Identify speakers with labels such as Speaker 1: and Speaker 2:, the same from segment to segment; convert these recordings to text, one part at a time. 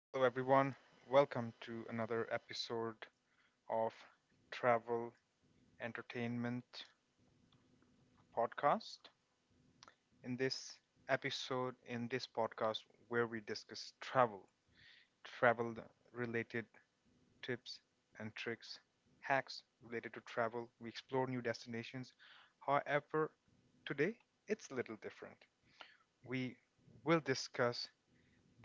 Speaker 1: Hello, everyone. Welcome to another episode of Travel Entertainment Podcast. In this episode, in this podcast, where we discuss travel related tips and tricks, hacks related to travel, we explore new destinations. However, today it's a little different. We will discuss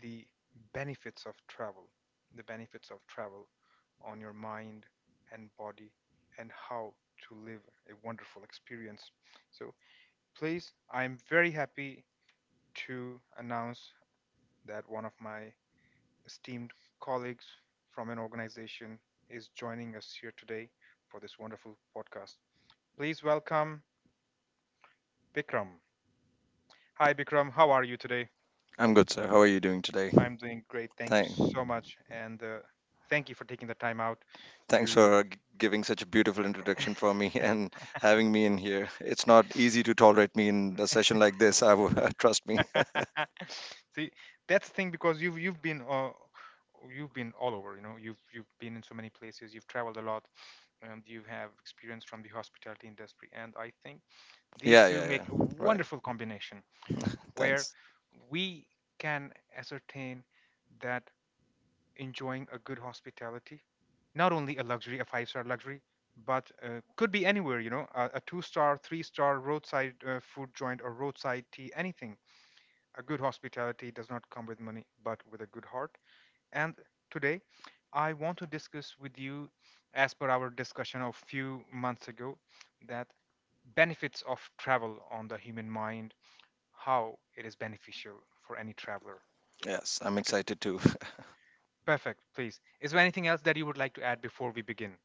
Speaker 1: the benefits of travel, the benefits of travel, on your mind and body, and how to live a wonderful experience. So, please, I'm very happy to announce that one of my esteemed colleagues from an organization is joining us here today for this wonderful podcast. Please welcome Bikram. Hi, Bikram. How are you today?
Speaker 2: I'm good, sir. How are you doing today?
Speaker 1: I'm doing great. Thank you
Speaker 2: Thank,
Speaker 1: so much. And Thank you for taking the time out
Speaker 2: Thanks
Speaker 1: to.
Speaker 2: for giving such a beautiful introduction for me and having me in here. It's not easy to tolerate me in a session like this. I will, trust me.
Speaker 1: See, that's the thing because you've been all over. You know, you've been in so many places. You've traveled a lot, and you have experience from the hospitality industry. And I think these
Speaker 2: Yeah,
Speaker 1: two
Speaker 2: yeah,
Speaker 1: make
Speaker 2: yeah.
Speaker 1: a
Speaker 2: Right.
Speaker 1: wonderful combination where
Speaker 2: Thanks.
Speaker 1: we can ascertain that enjoying a good hospitality, not only a luxury, a five-star luxury, but could be anywhere. You know, a two star, three-star roadside food joint or roadside tea, anything. A good hospitality does not come with money, but with a good heart. And today, I want to discuss with you, as per our discussion of few months ago, that benefits of travel on the human mind, how it is beneficial for any traveler.
Speaker 2: Yes, I'm
Speaker 1: Okay,
Speaker 2: excited too.
Speaker 1: perfect. Please, is there anything else that you would like to add before we begin?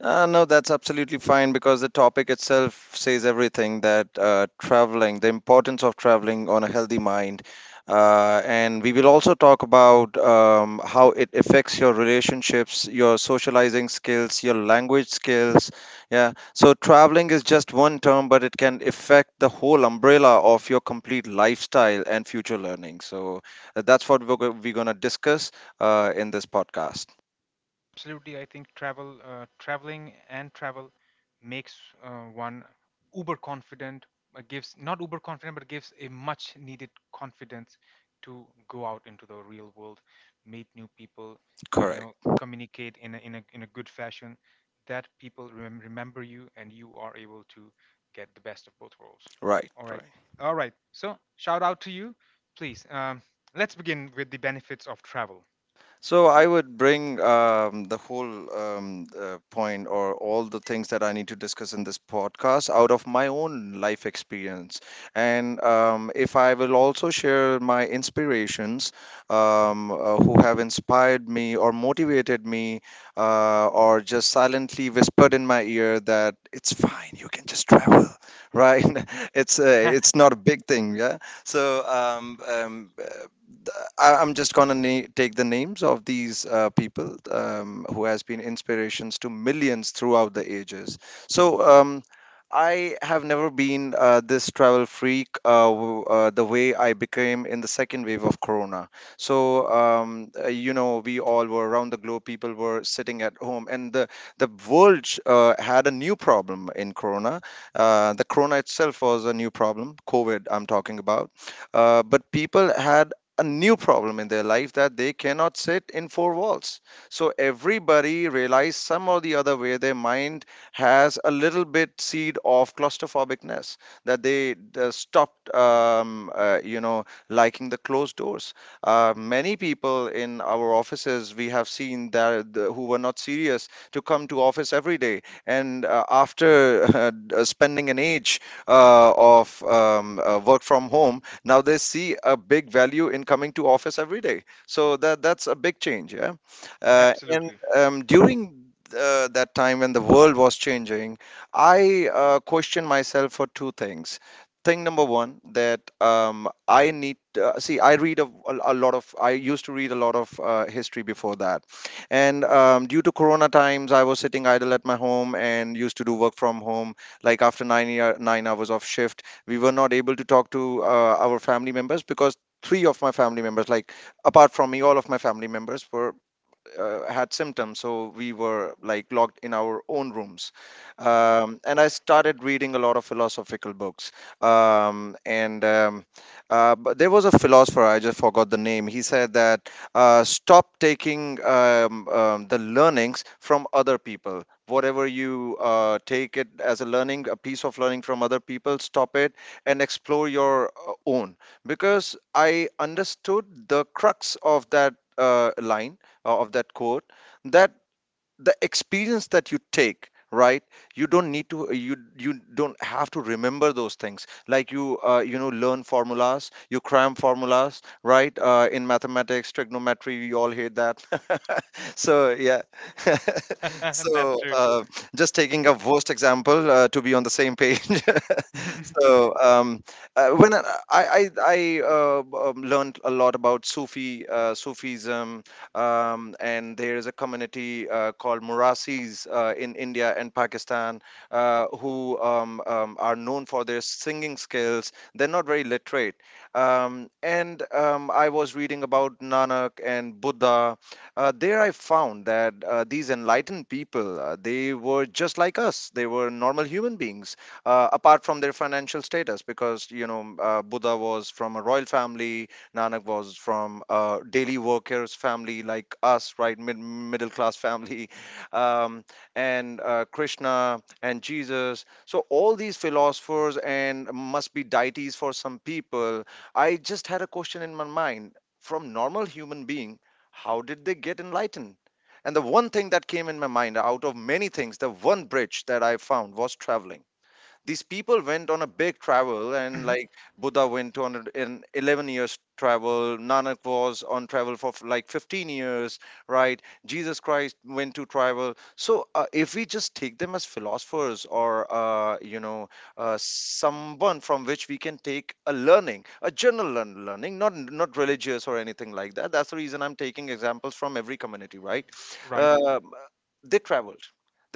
Speaker 2: No, that's absolutely fine because the topic itself says everything that traveling, the importance of traveling on a healthy mind. And we will also talk about how it affects your relationships, your socializing skills, your language skills. Yeah. So traveling is just one term, but it can affect the whole umbrella of your complete lifestyle and future learning. So that's what we're going to discuss in this podcast.
Speaker 1: Absolutely, I think travel, traveling and travel makes one uber confident. Gives not uber confident, but gives a much needed confidence to go out into the real world, meet new people, uh, you
Speaker 2: Correct.
Speaker 1: know, communicate in a good fashion. That people remember you, and you are able to get the best of both worlds.
Speaker 2: Right.
Speaker 1: All right,
Speaker 2: Right.
Speaker 1: all right. So shout out to you, please. Let's begin with the benefits of travel.
Speaker 2: So I would bring the whole point or all the things that I need to discuss in this podcast out of my own life experience, and if I will also share my inspirations who have inspired me or motivated me, or just silently whispered in my ear that it's fine, you can just travel, right? It's not a big thing, yeah. So I'm just gonna take the names of these people who has been inspirations to millions throughout the ages. So I have never been this travel freak the way I became in the second wave of Corona. So you know we all were around the globe. People were sitting at home, and the world had a new problem in Corona. The Corona itself was a new problem. COVID, I'm talking about but people had a new problem in their life that they cannot sit in four walls. So everybody realized some or the other way their mind has a little bit seed of claustrophobicness that they stopped, you know, liking the closed doors. Many people in our offices we have seen that the, who were not serious to come to office every day, and after spending an age of work from home, now they see a big value in coming to office every day, so that that's a big change, yeah. And
Speaker 1: Absolutely.
Speaker 2: During that time when the world was changing, I questioned myself for two things. Thing number one, that I need, see, I read a lot of I used to read a lot of history before that. And due to Corona times, I was sitting idle at my home and used to do work from home like after 9 year, 9 hours of shift. We were not able to talk to our family members because three of my family members, like apart from me, all of my family members were had symptoms, so we were like locked in our own rooms. And I started reading a lot of philosophical books. And But there was a philosopher, I just forgot the name. He said that, stop taking the learnings from other people. Whatever you take it as a learning, a piece of learning from other people, stop it and explore your own. Because I understood the crux of that line of that quote, that the experience that you take, right, you don't need to, you don't have to remember those things, like you you know, learn formulas, you cram formulas, right? In mathematics, trigonometry, you all hate that. So yeah.
Speaker 1: That's
Speaker 2: So
Speaker 1: true.
Speaker 2: just taking a worst example to be on the same page. So when I learned a lot about sufi sufism. And there is a community called Murasis in India and Pakistan, who are known for their singing skills. They're not very literate, and I was reading about Nanak and Buddha. There, I found that these enlightened people, they were just like us. They were normal human beings, apart from their financial status, because you know, Buddha was from a royal family, Nanak was from a daily workers family like us, right, middle class family. um, and Krishna and Jesus. So all these philosophers and must be deities for some people. I just had a question in my mind, from normal human being, how did they get enlightened? And the one thing that came in my mind out of many things, the one bridge that I found was traveling. These people went on a big travel, and like, Buddha went on an 11 years travel, Nanak was on travel for like 15 years, right? Jesus Christ went to travel. So if we just take them as philosophers, or uh, you know someone from which we can take a learning, a learning, not not religious or anything like that. That's the reason I'm taking examples from every community, right?
Speaker 1: Right?
Speaker 2: Uh, they traveled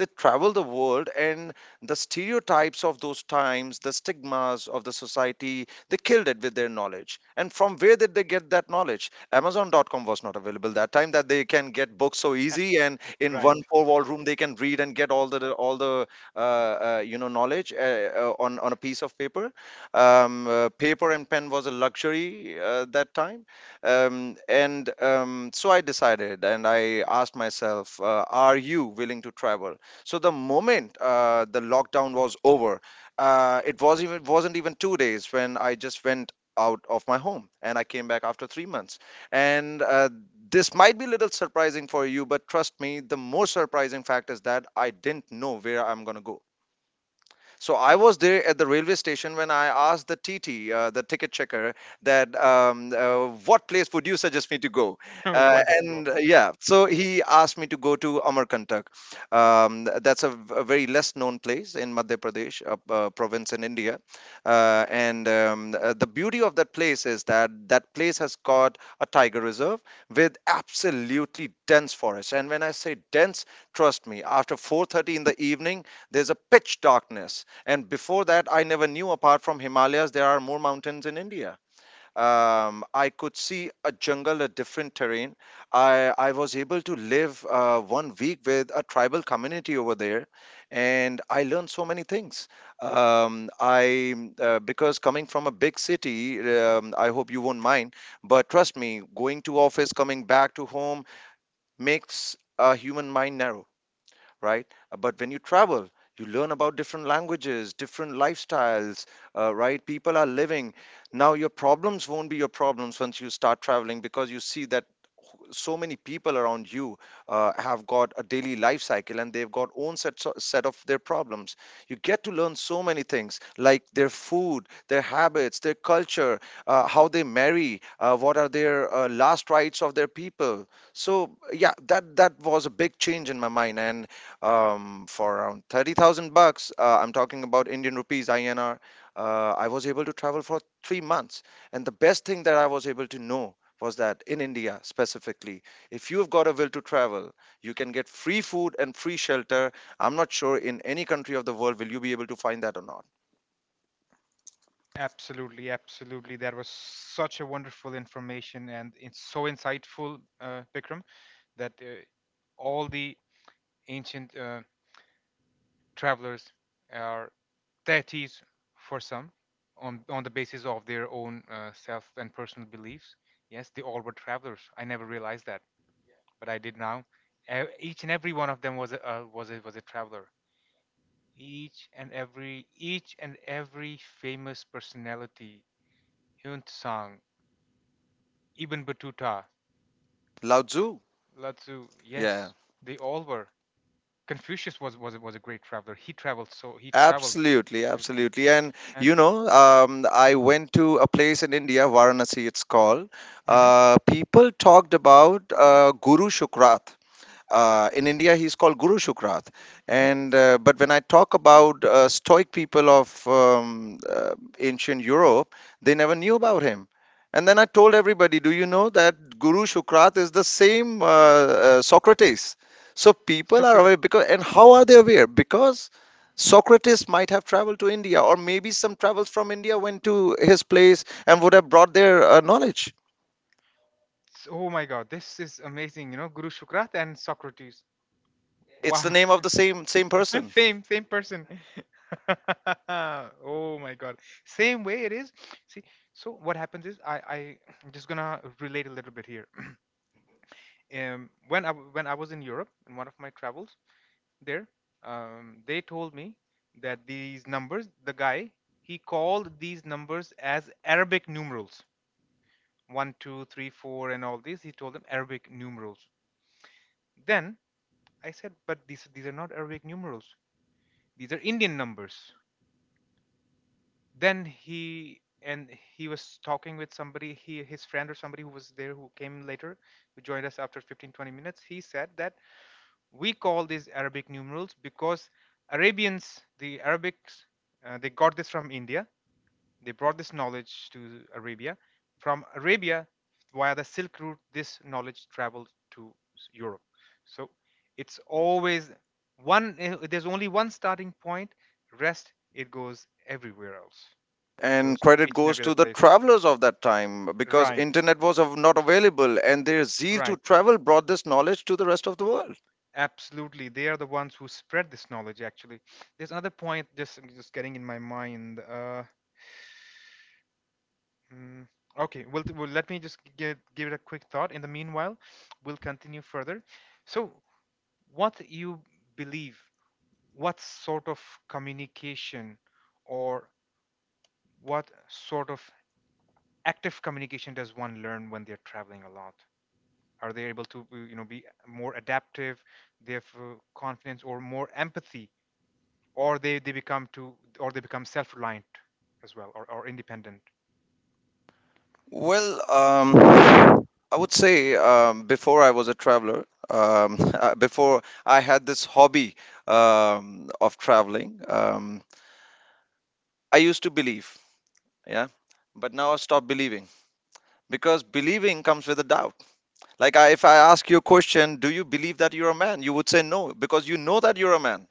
Speaker 2: they traveled the world. And the stereotypes of those times, the stigmas of the society, they killed it with their knowledge. And from where did they get that knowledge? Amazon.com was not available that time that they can get books so easy and in
Speaker 1: Right.
Speaker 2: one four wall room they can read and get all the you know, knowledge on a piece of paper. Paper and pen was a luxury that time. And So I decided and I asked myself, are you willing to travel? So the moment the lockdown was over, it was, even wasn't even 2 days when I just went out of my home, and I came back after 3 months. And This might be a little surprising for you, but trust me, the more surprising fact is that I didn't know where I'm gonna go. So I was there at the railway station when I asked the TT, the ticket checker, that what place would you suggest me to go?
Speaker 1: Wonderful.
Speaker 2: And Yeah, so he asked me to go to Amarkantak. That's a very less known place in Madhya Pradesh, a province in India. And The beauty of that place is that that place has got a tiger reserve with absolutely dense forest. And when I say dense, trust me, after 4:30 in the evening, there's a pitch darkness. And before that, I never knew apart from Himalayas, there are more mountains in India. I could see a jungle, a different terrain. I was able to live 1 week with a tribal community over there, and I learned so many things. I because coming from a big city, I hope you won't mind, but trust me, going to office, coming back to home makes a human mind narrow, right? But when you travel, you learn about different languages, different lifestyles, right? People are living. Now, your problems won't be your problems once you start traveling, because you see that so many people around you have got a daily life cycle, and they've got own set, so, set of their problems. You get to learn so many things, like their food, their habits, their culture, how they marry, what are their last rites of their people. So yeah, that was a big change in my mind. And for around 30,000 bucks, I'm talking about Indian rupees, INR. Uh, I was able to travel for 3 months. And the best thing that I was able to know was that in India specifically, if you've got a will to travel, you can get free food and free shelter. I'm not sure in any country of the world will you be able to find that or not.
Speaker 1: Absolutely, absolutely. That was such a wonderful information and it's so insightful, Vikram, that all the ancient travelers are deities for some, on the basis of their own self and personal beliefs. Yes, they all were travelers. I never realized that, but I did now. Each and every one of them was a traveler. Each and every famous personality, Yun Tsang, Ibn Battuta,
Speaker 2: Lao Tzu.
Speaker 1: Lao Tzu,
Speaker 2: Yeah.
Speaker 1: yes, they all were. Confucius was a great traveler. He traveled, so he traveled,
Speaker 2: Absolutely,
Speaker 1: absolutely.
Speaker 2: absolutely. And
Speaker 1: And
Speaker 2: you know, I went to a place in India, Varanasi, it's called.
Speaker 1: mhm,
Speaker 2: People talked about Guru Shukrat in India, he's called Guru Shukrath.
Speaker 1: mhm.
Speaker 2: And But when I talk about Stoic people of ancient Europe, they never knew about him. And then I told everybody, do you know that Guru Shukrath is the same Socrates? So people are
Speaker 1: Shukra,
Speaker 2: aware because, and how are they aware? Because Socrates might have traveled to India, or maybe some travels from India went to his place and would have brought their knowledge.
Speaker 1: oh my God, this is amazing. You know, Guru Shukrat and Socrates.
Speaker 2: It's the
Speaker 1: Wow,
Speaker 2: name of the same person.
Speaker 1: same person. Oh my God, same way it is. See, so what happens is, I am just gonna relate a little bit here. When I was in Europe in one of my travels there. They told me that these numbers, the guy, he called these numbers as Arabic numerals, 1, 2, 3, 4, and all these he told them Arabic numerals. Then I said, but these are not Arabic numerals, these are Indian numbers. Then he was talking with somebody, he his friend or somebody who was there, who came later, who joined us after 15-20 minutes. He said that we call these Arabic numerals because Arabians, the Arabics, they got this from India, they brought this knowledge to Arabia. From Arabia, via the Silk Route, this knowledge traveled to Europe. So it's always there's only one starting point, rest, it goes everywhere else. It
Speaker 2: And
Speaker 1: goes to
Speaker 2: credit
Speaker 1: each and
Speaker 2: goes
Speaker 1: every other
Speaker 2: to the
Speaker 1: place.
Speaker 2: travelers of that time because
Speaker 1: Right,
Speaker 2: internet was not available, and their zeal to
Speaker 1: right.
Speaker 2: travel brought this knowledge to the rest of the world.
Speaker 1: Absolutely. They are the ones who spread this knowledge, actually. There's another point just getting in my mind. Mm, okay, well, let me just give it a quick thought. In the meanwhile, we'll continue further. So, what you believe, what sort of communication or what sort of active communication does one learn when they're traveling a lot? Are they able to, be more adaptive, they have confidence or more empathy, or they become too, or they become self-reliant as well, or independent?
Speaker 2: well um, I would say before I was a traveler, before I had this hobby of traveling, I used to believe, yeah, but now I stopped believing, because believing comes with a doubt. Like, if I ask you a question, do you believe that you're a man? You would say no because you know that you're a man.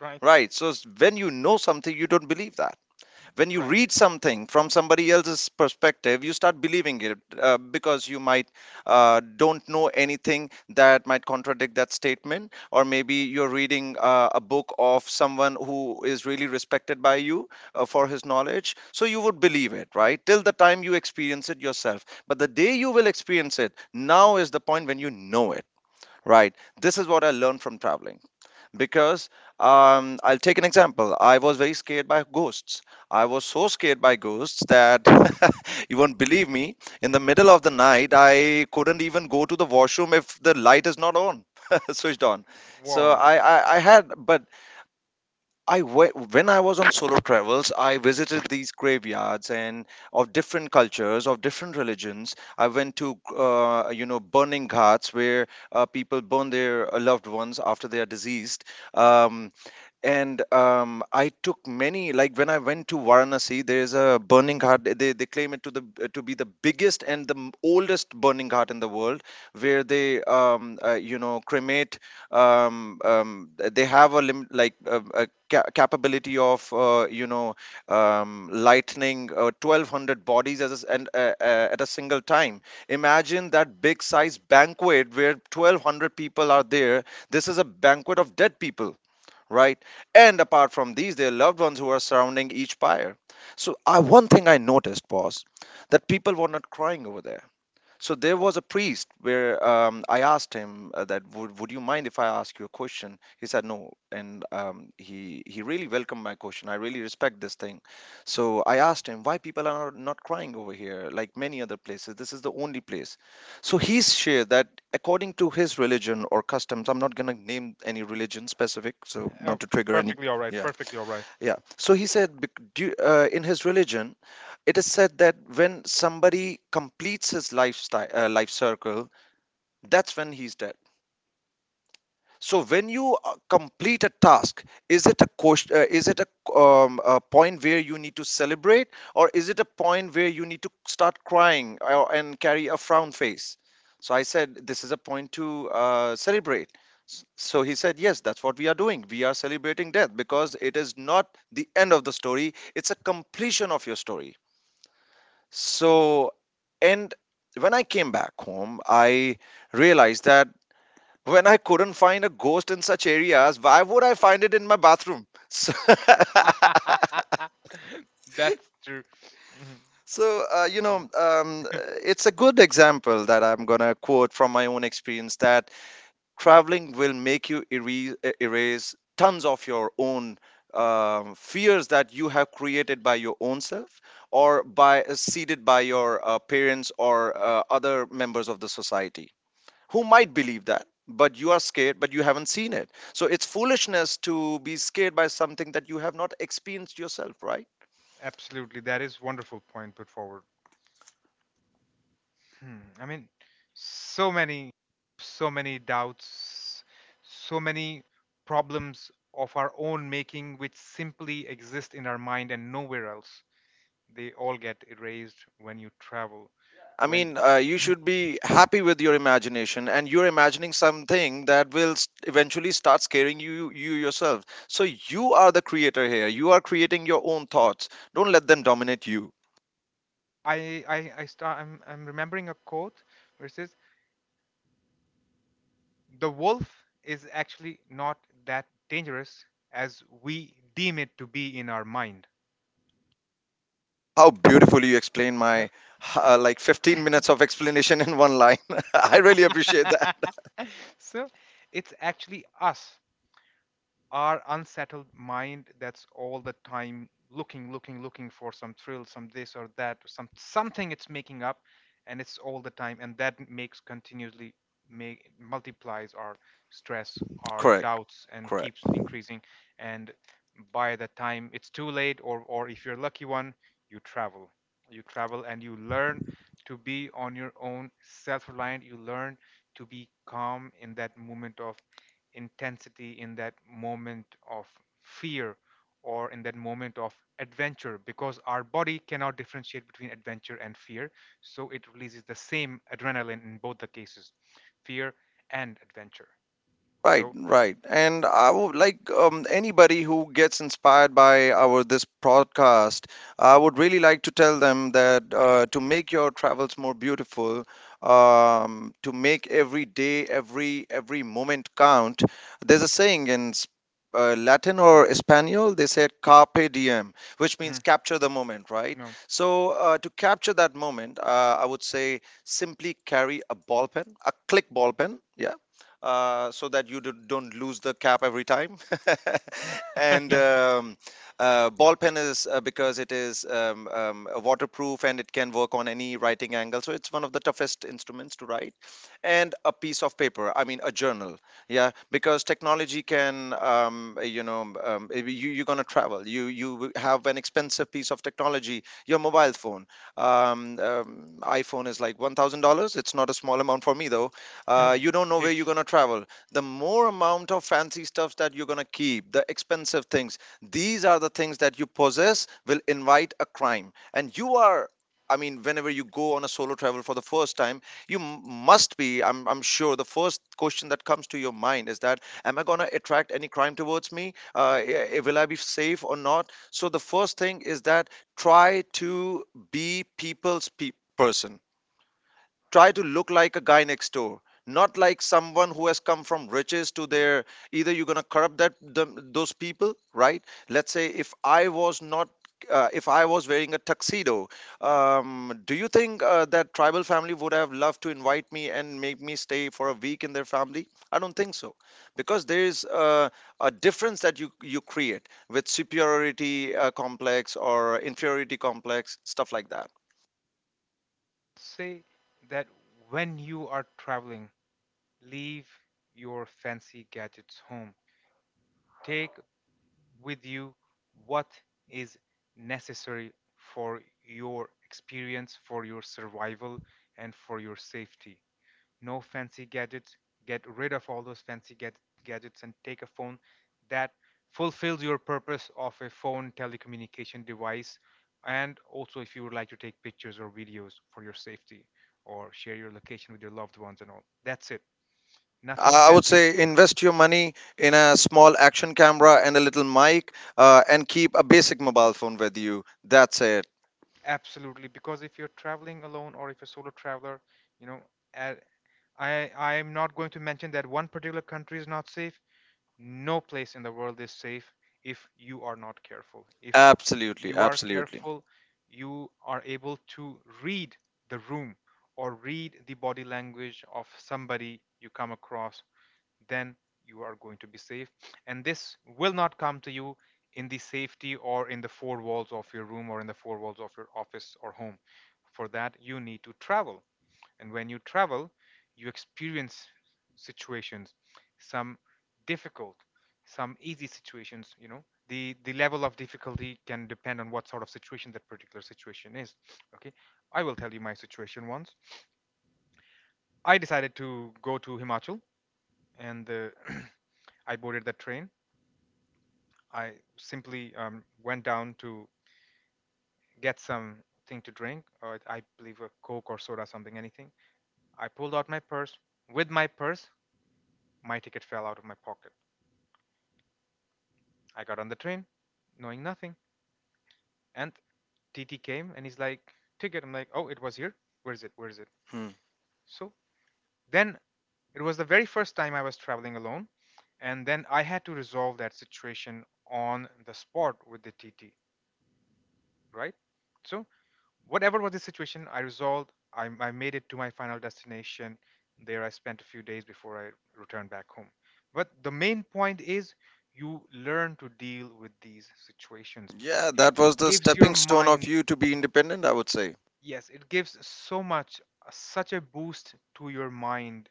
Speaker 1: Right,
Speaker 2: Right. So when you know something, you don't believe that. When you
Speaker 1: right.
Speaker 2: read something from somebody else's perspective, you start believing it, because you might don't know anything that might contradict that statement, or maybe you're reading a book of someone who is really respected by you for his knowledge. So you would believe it, right? Till the time you experience it yourself. But the day you will experience it, now is the point when you know it, right? This is what I learned from traveling, because I'll take an example. I was very scared by ghosts. I was so scared by ghosts that you won't believe me. In the middle of the night, I couldn't even go to the washroom if the light is not on, switched on. So
Speaker 1: Wow.
Speaker 2: I had, but I we- when I was on solo travels, I visited these graveyards, and of different cultures, of different religions. I went to you know, burning ghats where people burn their loved ones after they are deceased. Um, and I took many. Like, when I went to Varanasi, there is a burning ghat. They claim it to the to be the biggest and the oldest burning ghat in the world, where they you know, cremate they have a like a capability of you know, lightning 1200 bodies as a s and at a single time. Imagine that big size banquet where 1200 people are there. This is a banquet of dead people, right? And apart from these, their loved ones who are surrounding each pyre. So one thing I noticed was that people were not crying over there. So there was a priest where I asked him that would you mind if I ask you a question? He said no, and he really welcomed my question. I really respect this thing. So I asked him, why people are not crying over here like many other places? This is the only place. So he shared that according to his religion or customs, I'm not gonna name any religion specific, so
Speaker 1: Oh,
Speaker 2: not to trigger any.
Speaker 1: perfectly all right.
Speaker 2: Yeah,
Speaker 1: Perfectly all right.
Speaker 2: yeah. So he said in his religion, it is said that when somebody completes his lifestyle, life circle, that's when he's dead. So when you complete a task, is it a question, is it a point where you need to celebrate, or is it a point where you need to start crying and carry a frown face? So I said, this is a point to celebrate. So he said, yes, that's what we are doing. We are celebrating death, because it is not the end of the story; it's a completion of your story. So, and when I came back home, I realized that when I couldn't find a ghost in such areas, why would I find it in my bathroom? So,
Speaker 1: That's true. Mhm.
Speaker 2: so you
Speaker 1: Yeah,
Speaker 2: know, it's a good example that I'm gonna quote from my own experience, that traveling will make you erase, erase tons of your own fears that you have created by your own self, or by seeded by your parents or other members of the society, who might believe that. But you are scared, but you haven't seen it, so it's foolishness to be scared by something that you have not experienced yourself, right?
Speaker 1: absolutely. That is wonderful point put forward. Hmm. I mean, so many, so many doubts, so many problems of our own making, which simply exist in our mind and nowhere else. They all get erased when you travel.
Speaker 2: I
Speaker 1: When
Speaker 2: mean, you should be happy with your imagination, and you're imagining something that will eventually start scaring you yourself. So you are the creator here. You are creating your own thoughts. Don't let them dominate you.
Speaker 1: I start, I'm remembering a quote where it says, the wolf is actually not that dangerous as we deem it to be in our mind.
Speaker 2: How beautifully you explain
Speaker 1: Huh?
Speaker 2: my like 15 minutes of explanation in one line. I really appreciate that.
Speaker 1: So it's actually us, our unsettled mind that's all the time looking for some thrill, some this or that, some something it's making up, and it's all the time, and that makes continuously, make, multiplies our stress, our
Speaker 2: Correct.
Speaker 1: doubts, and
Speaker 2: Correct.
Speaker 1: keeps increasing. And by the time it's too late, or if you're lucky one, you travel you travel and you learn to be on your own, self-reliant. You learn to be calm in that moment of intensity, in that moment of fear, or in that moment of adventure, because our body cannot differentiate between adventure and fear, so it releases the same adrenaline in both the cases, fear and adventure.
Speaker 2: Right,
Speaker 1: So
Speaker 2: right. And I would like anybody who gets inspired by our this broadcast, I would really like to tell them that to make your travels more beautiful, to make every day, every moment count. There's a saying in Latin or Espanol, they said carpe diem, which means
Speaker 1: mhm,
Speaker 2: capture the moment, right?
Speaker 1: no.
Speaker 2: So to capture that moment, I would say simply carry a ball pen, a click ball pen. Yeah, so that you don't lose the cap every time. and ball pen is because it is waterproof, and it can work on any writing angle. So it's one of the toughest instruments to write. And a piece of paper, I mean, a journal. Yeah, because technology can, you know, if you're going to travel. You have an expensive piece of technology, your mobile phone. iPhone is like $1,000. It's not a small amount for me, though
Speaker 1: Um,
Speaker 2: you don't know where you're
Speaker 1: Huge.
Speaker 2: going to travel. The more amount of fancy stuff that you're going to keep, the expensive things, these are the things that you possess, will invite a crime, and you are, I mean, whenever you go on a solo travel for the first time, you must be, I'm sure, the first question that comes to your mind is that, am I going to attract any crime towards me? Will I be safe or not? So the first thing is that try to be person, try to look like a guy next door, not like someone who has come from riches to their, either you're going to corrupt that them, those people, right? Let's say if I was not, if I was wearing a tuxedo, do you think that tribal family would have loved to invite me and make me stay for a week in their family? I don't think so. Because there is a difference that you create with superiority complex or inferiority complex, stuff like that.
Speaker 1: Say that when you are traveling, leave your fancy gadgets home. Take with you what is necessary for your experience, for your survival, and for your safety. No fancy gadgets. Get rid of all those fancy gadgets and take a phone that fulfills your purpose of a phone, telecommunication device. And also, if you would like to take pictures or videos for your safety or share your location with your loved ones and all, that's it. Nothing
Speaker 2: I would
Speaker 1: fancy.
Speaker 2: say invest your money in a small action camera and a little mic, and keep a basic mobile phone with you. That's it.
Speaker 1: Absolutely, because if you're traveling alone, or if you're solo traveler, you know, uh, I am not going to mention that one particular country is not safe. No place in the world is safe if you are not careful. If
Speaker 2: Absolutely,
Speaker 1: you are
Speaker 2: absolutely.
Speaker 1: careful, you are able to read the room or read the body language of somebody you come across, then you are going to be safe. And this will not come to you in the safety or in the four walls of your room, or in the four walls of your office or home. For that, you need to travel. And when you travel, you experience situations, some difficult, some easy situations, you know. The level of difficulty can depend on what sort of situation that particular situation is. Okay, I will tell you my situation once. I decided to go to Himachal, and I boarded the train. I simply went down to get something to drink, or I believe a Coke or soda, something, anything. I pulled out my purse. With my purse, my ticket fell out of my pocket. I got on the train, knowing nothing. And TT came and he's like, ticket. I'm like, oh, it was here. Where is it? Where is it?
Speaker 2: Hmm.
Speaker 1: So then, it was the very first time I was traveling alone. And then I had to resolve that situation on the spot with the TT, right? So, whatever was the situation, I resolved. I made it to my final destination. There, I spent a few days before I returned back home. But the main point is, you learn to deal with these situations.
Speaker 2: Yeah,
Speaker 1: It
Speaker 2: that was the
Speaker 1: gives your
Speaker 2: stepping stone of
Speaker 1: mind,
Speaker 2: you to be independent, I would say.
Speaker 1: yes, it gives so much, such a boost to your mind,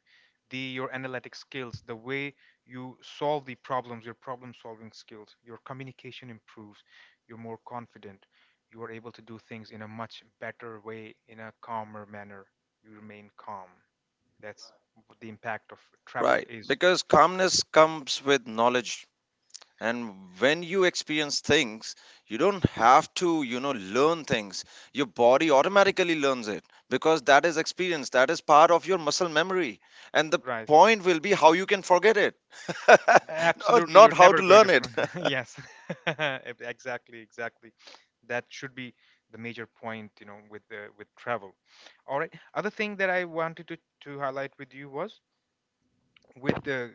Speaker 1: the, your analytic skills, the way you solve the problems, your problem-solving skills, your communication improves, you're more confident, you are able to do things in a much better way, in a calmer manner. You remain calm. That's what the impact of travel
Speaker 2: Right.
Speaker 1: is.
Speaker 2: Because calmness comes with knowledge, and when you experience things, you don't have to, you know, learn things. Your body automatically learns it, because that is experience, that is part of your muscle memory. And the
Speaker 1: Right.
Speaker 2: point will be how you can forget it, no,
Speaker 1: Absolutely,
Speaker 2: not
Speaker 1: you're
Speaker 2: how to
Speaker 1: never going
Speaker 2: learn
Speaker 1: to.
Speaker 2: it.
Speaker 1: Yes, exactly, exactly. That should be the major point, you know, with travel. All right. Other thing that I wanted to highlight with you was, with the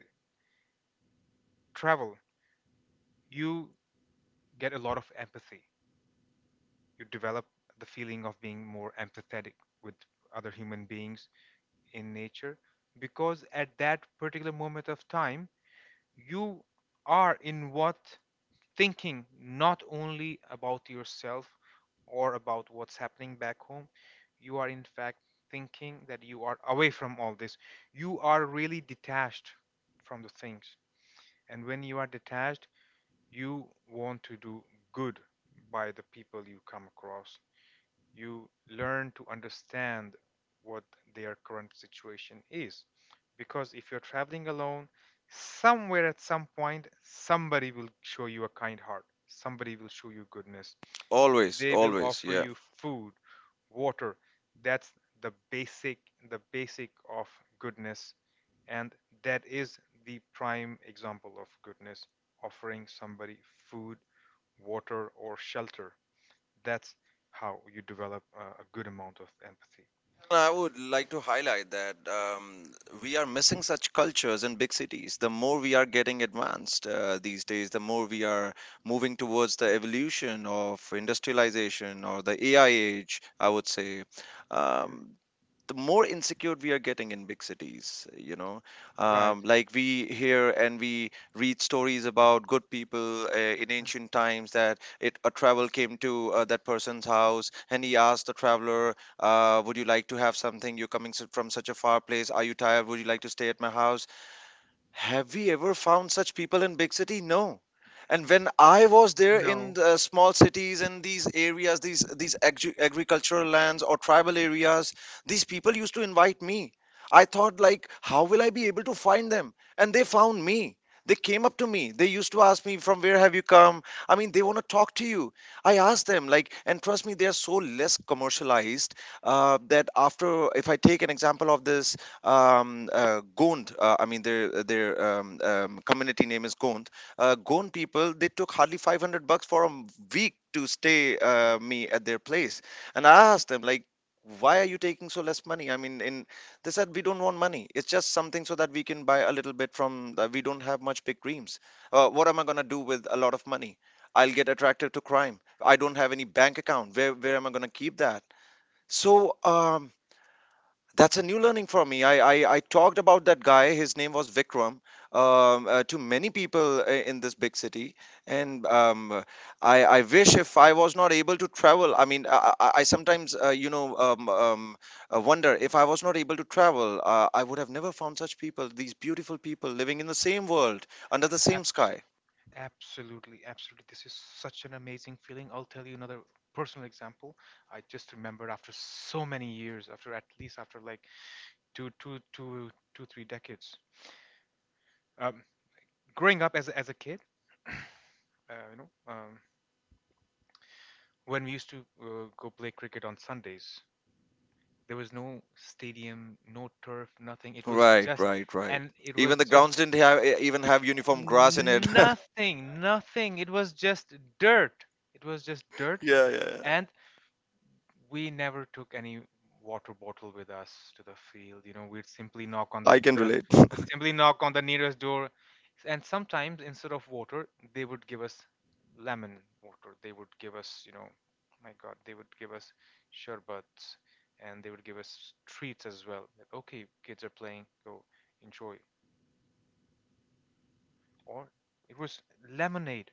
Speaker 1: travel, you get a lot of empathy. You develop the feeling of being more empathetic with other human beings in nature, because at that particular moment of time, you are in what, thinking not only about yourself or about what's happening back home, you are in fact thinking that you are away from all this, you are really detached from the things, and when you are detached, you want to do good by the people you come across. You learn to understand what their current situation is. Because if you're traveling alone, somewhere at some point, somebody will show you a kind heart, somebody will show you goodness,
Speaker 2: Always,
Speaker 1: they will
Speaker 2: always,
Speaker 1: offer
Speaker 2: yeah.
Speaker 1: you food, water. That's the basic, the basic of goodness, and that is the prime example of goodness, offering somebody food, water, or shelter. That's how you develop a good amount of empathy.
Speaker 2: I would like to highlight that we are missing such cultures in big cities. The more we are getting advanced these days, the more we are moving towards the evolution of industrialization, or the AI age, I would say.
Speaker 1: Mhm.
Speaker 2: Um, the more insecure we are getting in big cities, you know,
Speaker 1: Right.
Speaker 2: like we hear and we read stories about good people in ancient times, that it a travel came to that person's house, and he asked the traveler, would you like to have something? You're coming from such a far place, are you tired? Would you like to stay at my house? Have we ever found such people in big city? No. And when I was there in
Speaker 1: No.
Speaker 2: the small cities and these areas, these agri- agricultural lands or tribal areas, these people used to invite me. I thought like, how will I be able to find them? And they found me. They came up to me. They used to ask me, from where have you come? I mean, they want to talk to you. I asked them, like, and trust me, they are so less commercialized, that after, if I take an example of this Gond. I mean, their community name is Gond. Gond people, they took hardly 500 bucks for a week to stay me at their place, and I asked them, like, why are you taking so less money? I mean, in they said, we don't want money. It's just something so that we can buy a little bit from. The, we don't have much big dreams. What am I gonna do with a lot of money? I'll get attracted to crime. I don't have any bank account. Where am I gonna keep that? So that's a new learning for me. I talked about that guy. His name was Vikram. To many people in this big city, and I wish if I was not able to travel. I mean, I sometimes you know wonder if I was not able to travel, I would have never found such people. These beautiful people living in the same world under the same
Speaker 1: Abs-
Speaker 2: sky.
Speaker 1: absolutely, absolutely. This is such an amazing feeling. I'll tell you another personal example. I just remembered after so many years, after at least after like two, two, two, two, three decades. Um, Growing up as as a kid, uh, you know, um, when we used to go play cricket on Sundays, there was no stadium, no turf, nothing. It was
Speaker 2: Right,
Speaker 1: just,
Speaker 2: right, right.
Speaker 1: and it
Speaker 2: Even
Speaker 1: was
Speaker 2: the
Speaker 1: just
Speaker 2: grounds didn't have even have uniform grass in it.
Speaker 1: nothing, nothing. It was just dirt. It was just dirt,
Speaker 2: Yeah, yeah, yeah.
Speaker 1: and we never took any water bottle with us to the field. You know, we'd simply knock on the,
Speaker 2: I can
Speaker 1: the
Speaker 2: relate.
Speaker 1: would simply knock on the nearest door, and sometimes instead of water, they would give us lemon water. They would give us, you know, my God, they would give us sherbets, and they would give us treats as well. Like, okay, kids are playing, go enjoy. Or it was lemonade,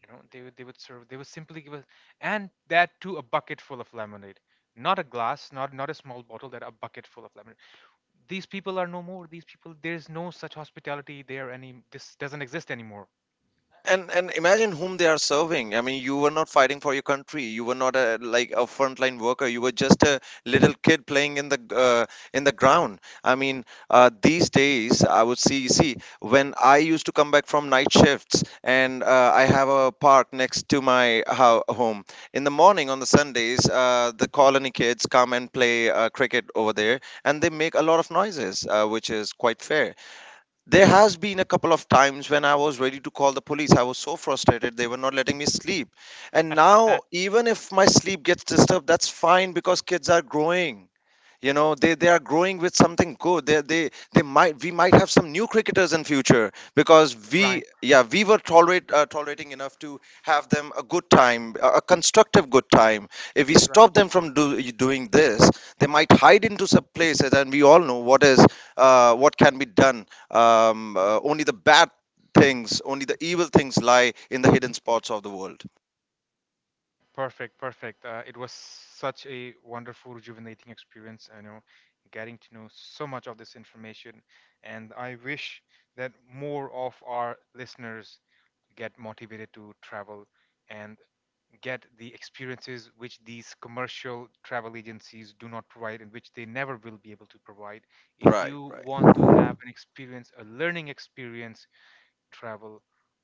Speaker 1: you know, they would, they would serve, they would simply give us, and that too a bucket full of lemonade, not a glass, not, not a small bottle, that a bucket full of lemonade. These people are no more, these people, there is no such hospitality there, any, this doesn't exist anymore.
Speaker 2: And imagine whom they are serving. I mean, you were not fighting for your country. You were not a like a frontline worker, you were just a little kid playing in the in the ground. I mean, these days I would see when I used to come back from night shifts, and I have a park next to my home. In the morning on the sundays, the colony kids come and play cricket over there, and they make a lot of noises, which is quite fair. There has been a couple of times when I was ready to call the police. I was so frustrated. They were not letting me sleep. And
Speaker 1: Uh,
Speaker 2: now, even if my sleep gets disturbed, that's fine, because kids are growing, you know, they are growing with something good. They might, we might have some new cricketers in future, because we,
Speaker 1: right.
Speaker 2: yeah, we were tolerate, tolerating enough to have them a good time, a constructive good time. If we
Speaker 1: Right.
Speaker 2: stop them from doing this, they might hide into some places, and we all know what is what can be done. um, Only the bad things, only the evil things lie in the hidden spots of the world.
Speaker 1: Perfect, perfect. It was such a wonderful, rejuvenating experience. I know, getting to know so much of this information, and I wish that more of our listeners get motivated to travel and get the experiences which these commercial travel agencies do not provide and which they never will be able to provide. If
Speaker 2: Right,
Speaker 1: you
Speaker 2: right.
Speaker 1: want to have an experience, a learning experience, travel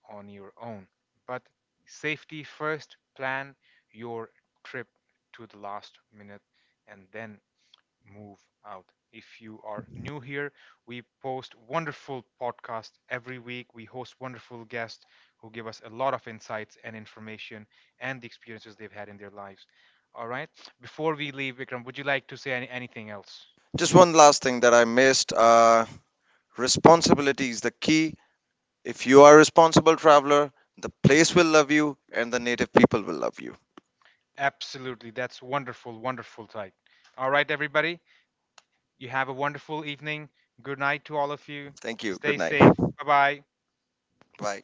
Speaker 1: on your own. But safety first, plan your trip to the last minute and then move out. If you are new here, we post wonderful podcasts every week. We host wonderful guests who give us a lot of insights and information and the experiences they've had in their lives. All right. Before we leave, Vikram, would you like to say any, anything else?
Speaker 2: Just one last thing that I missed, responsibility is the key. If you are a responsible traveler, the place will love you and the native people will love you.
Speaker 1: Absolutely. That's wonderful, wonderful type. All right, everybody. You have a wonderful evening. Good night to all of you.
Speaker 2: Thank you. Good
Speaker 1: Stay
Speaker 2: night.
Speaker 1: safe. Bye bye.
Speaker 2: Bye.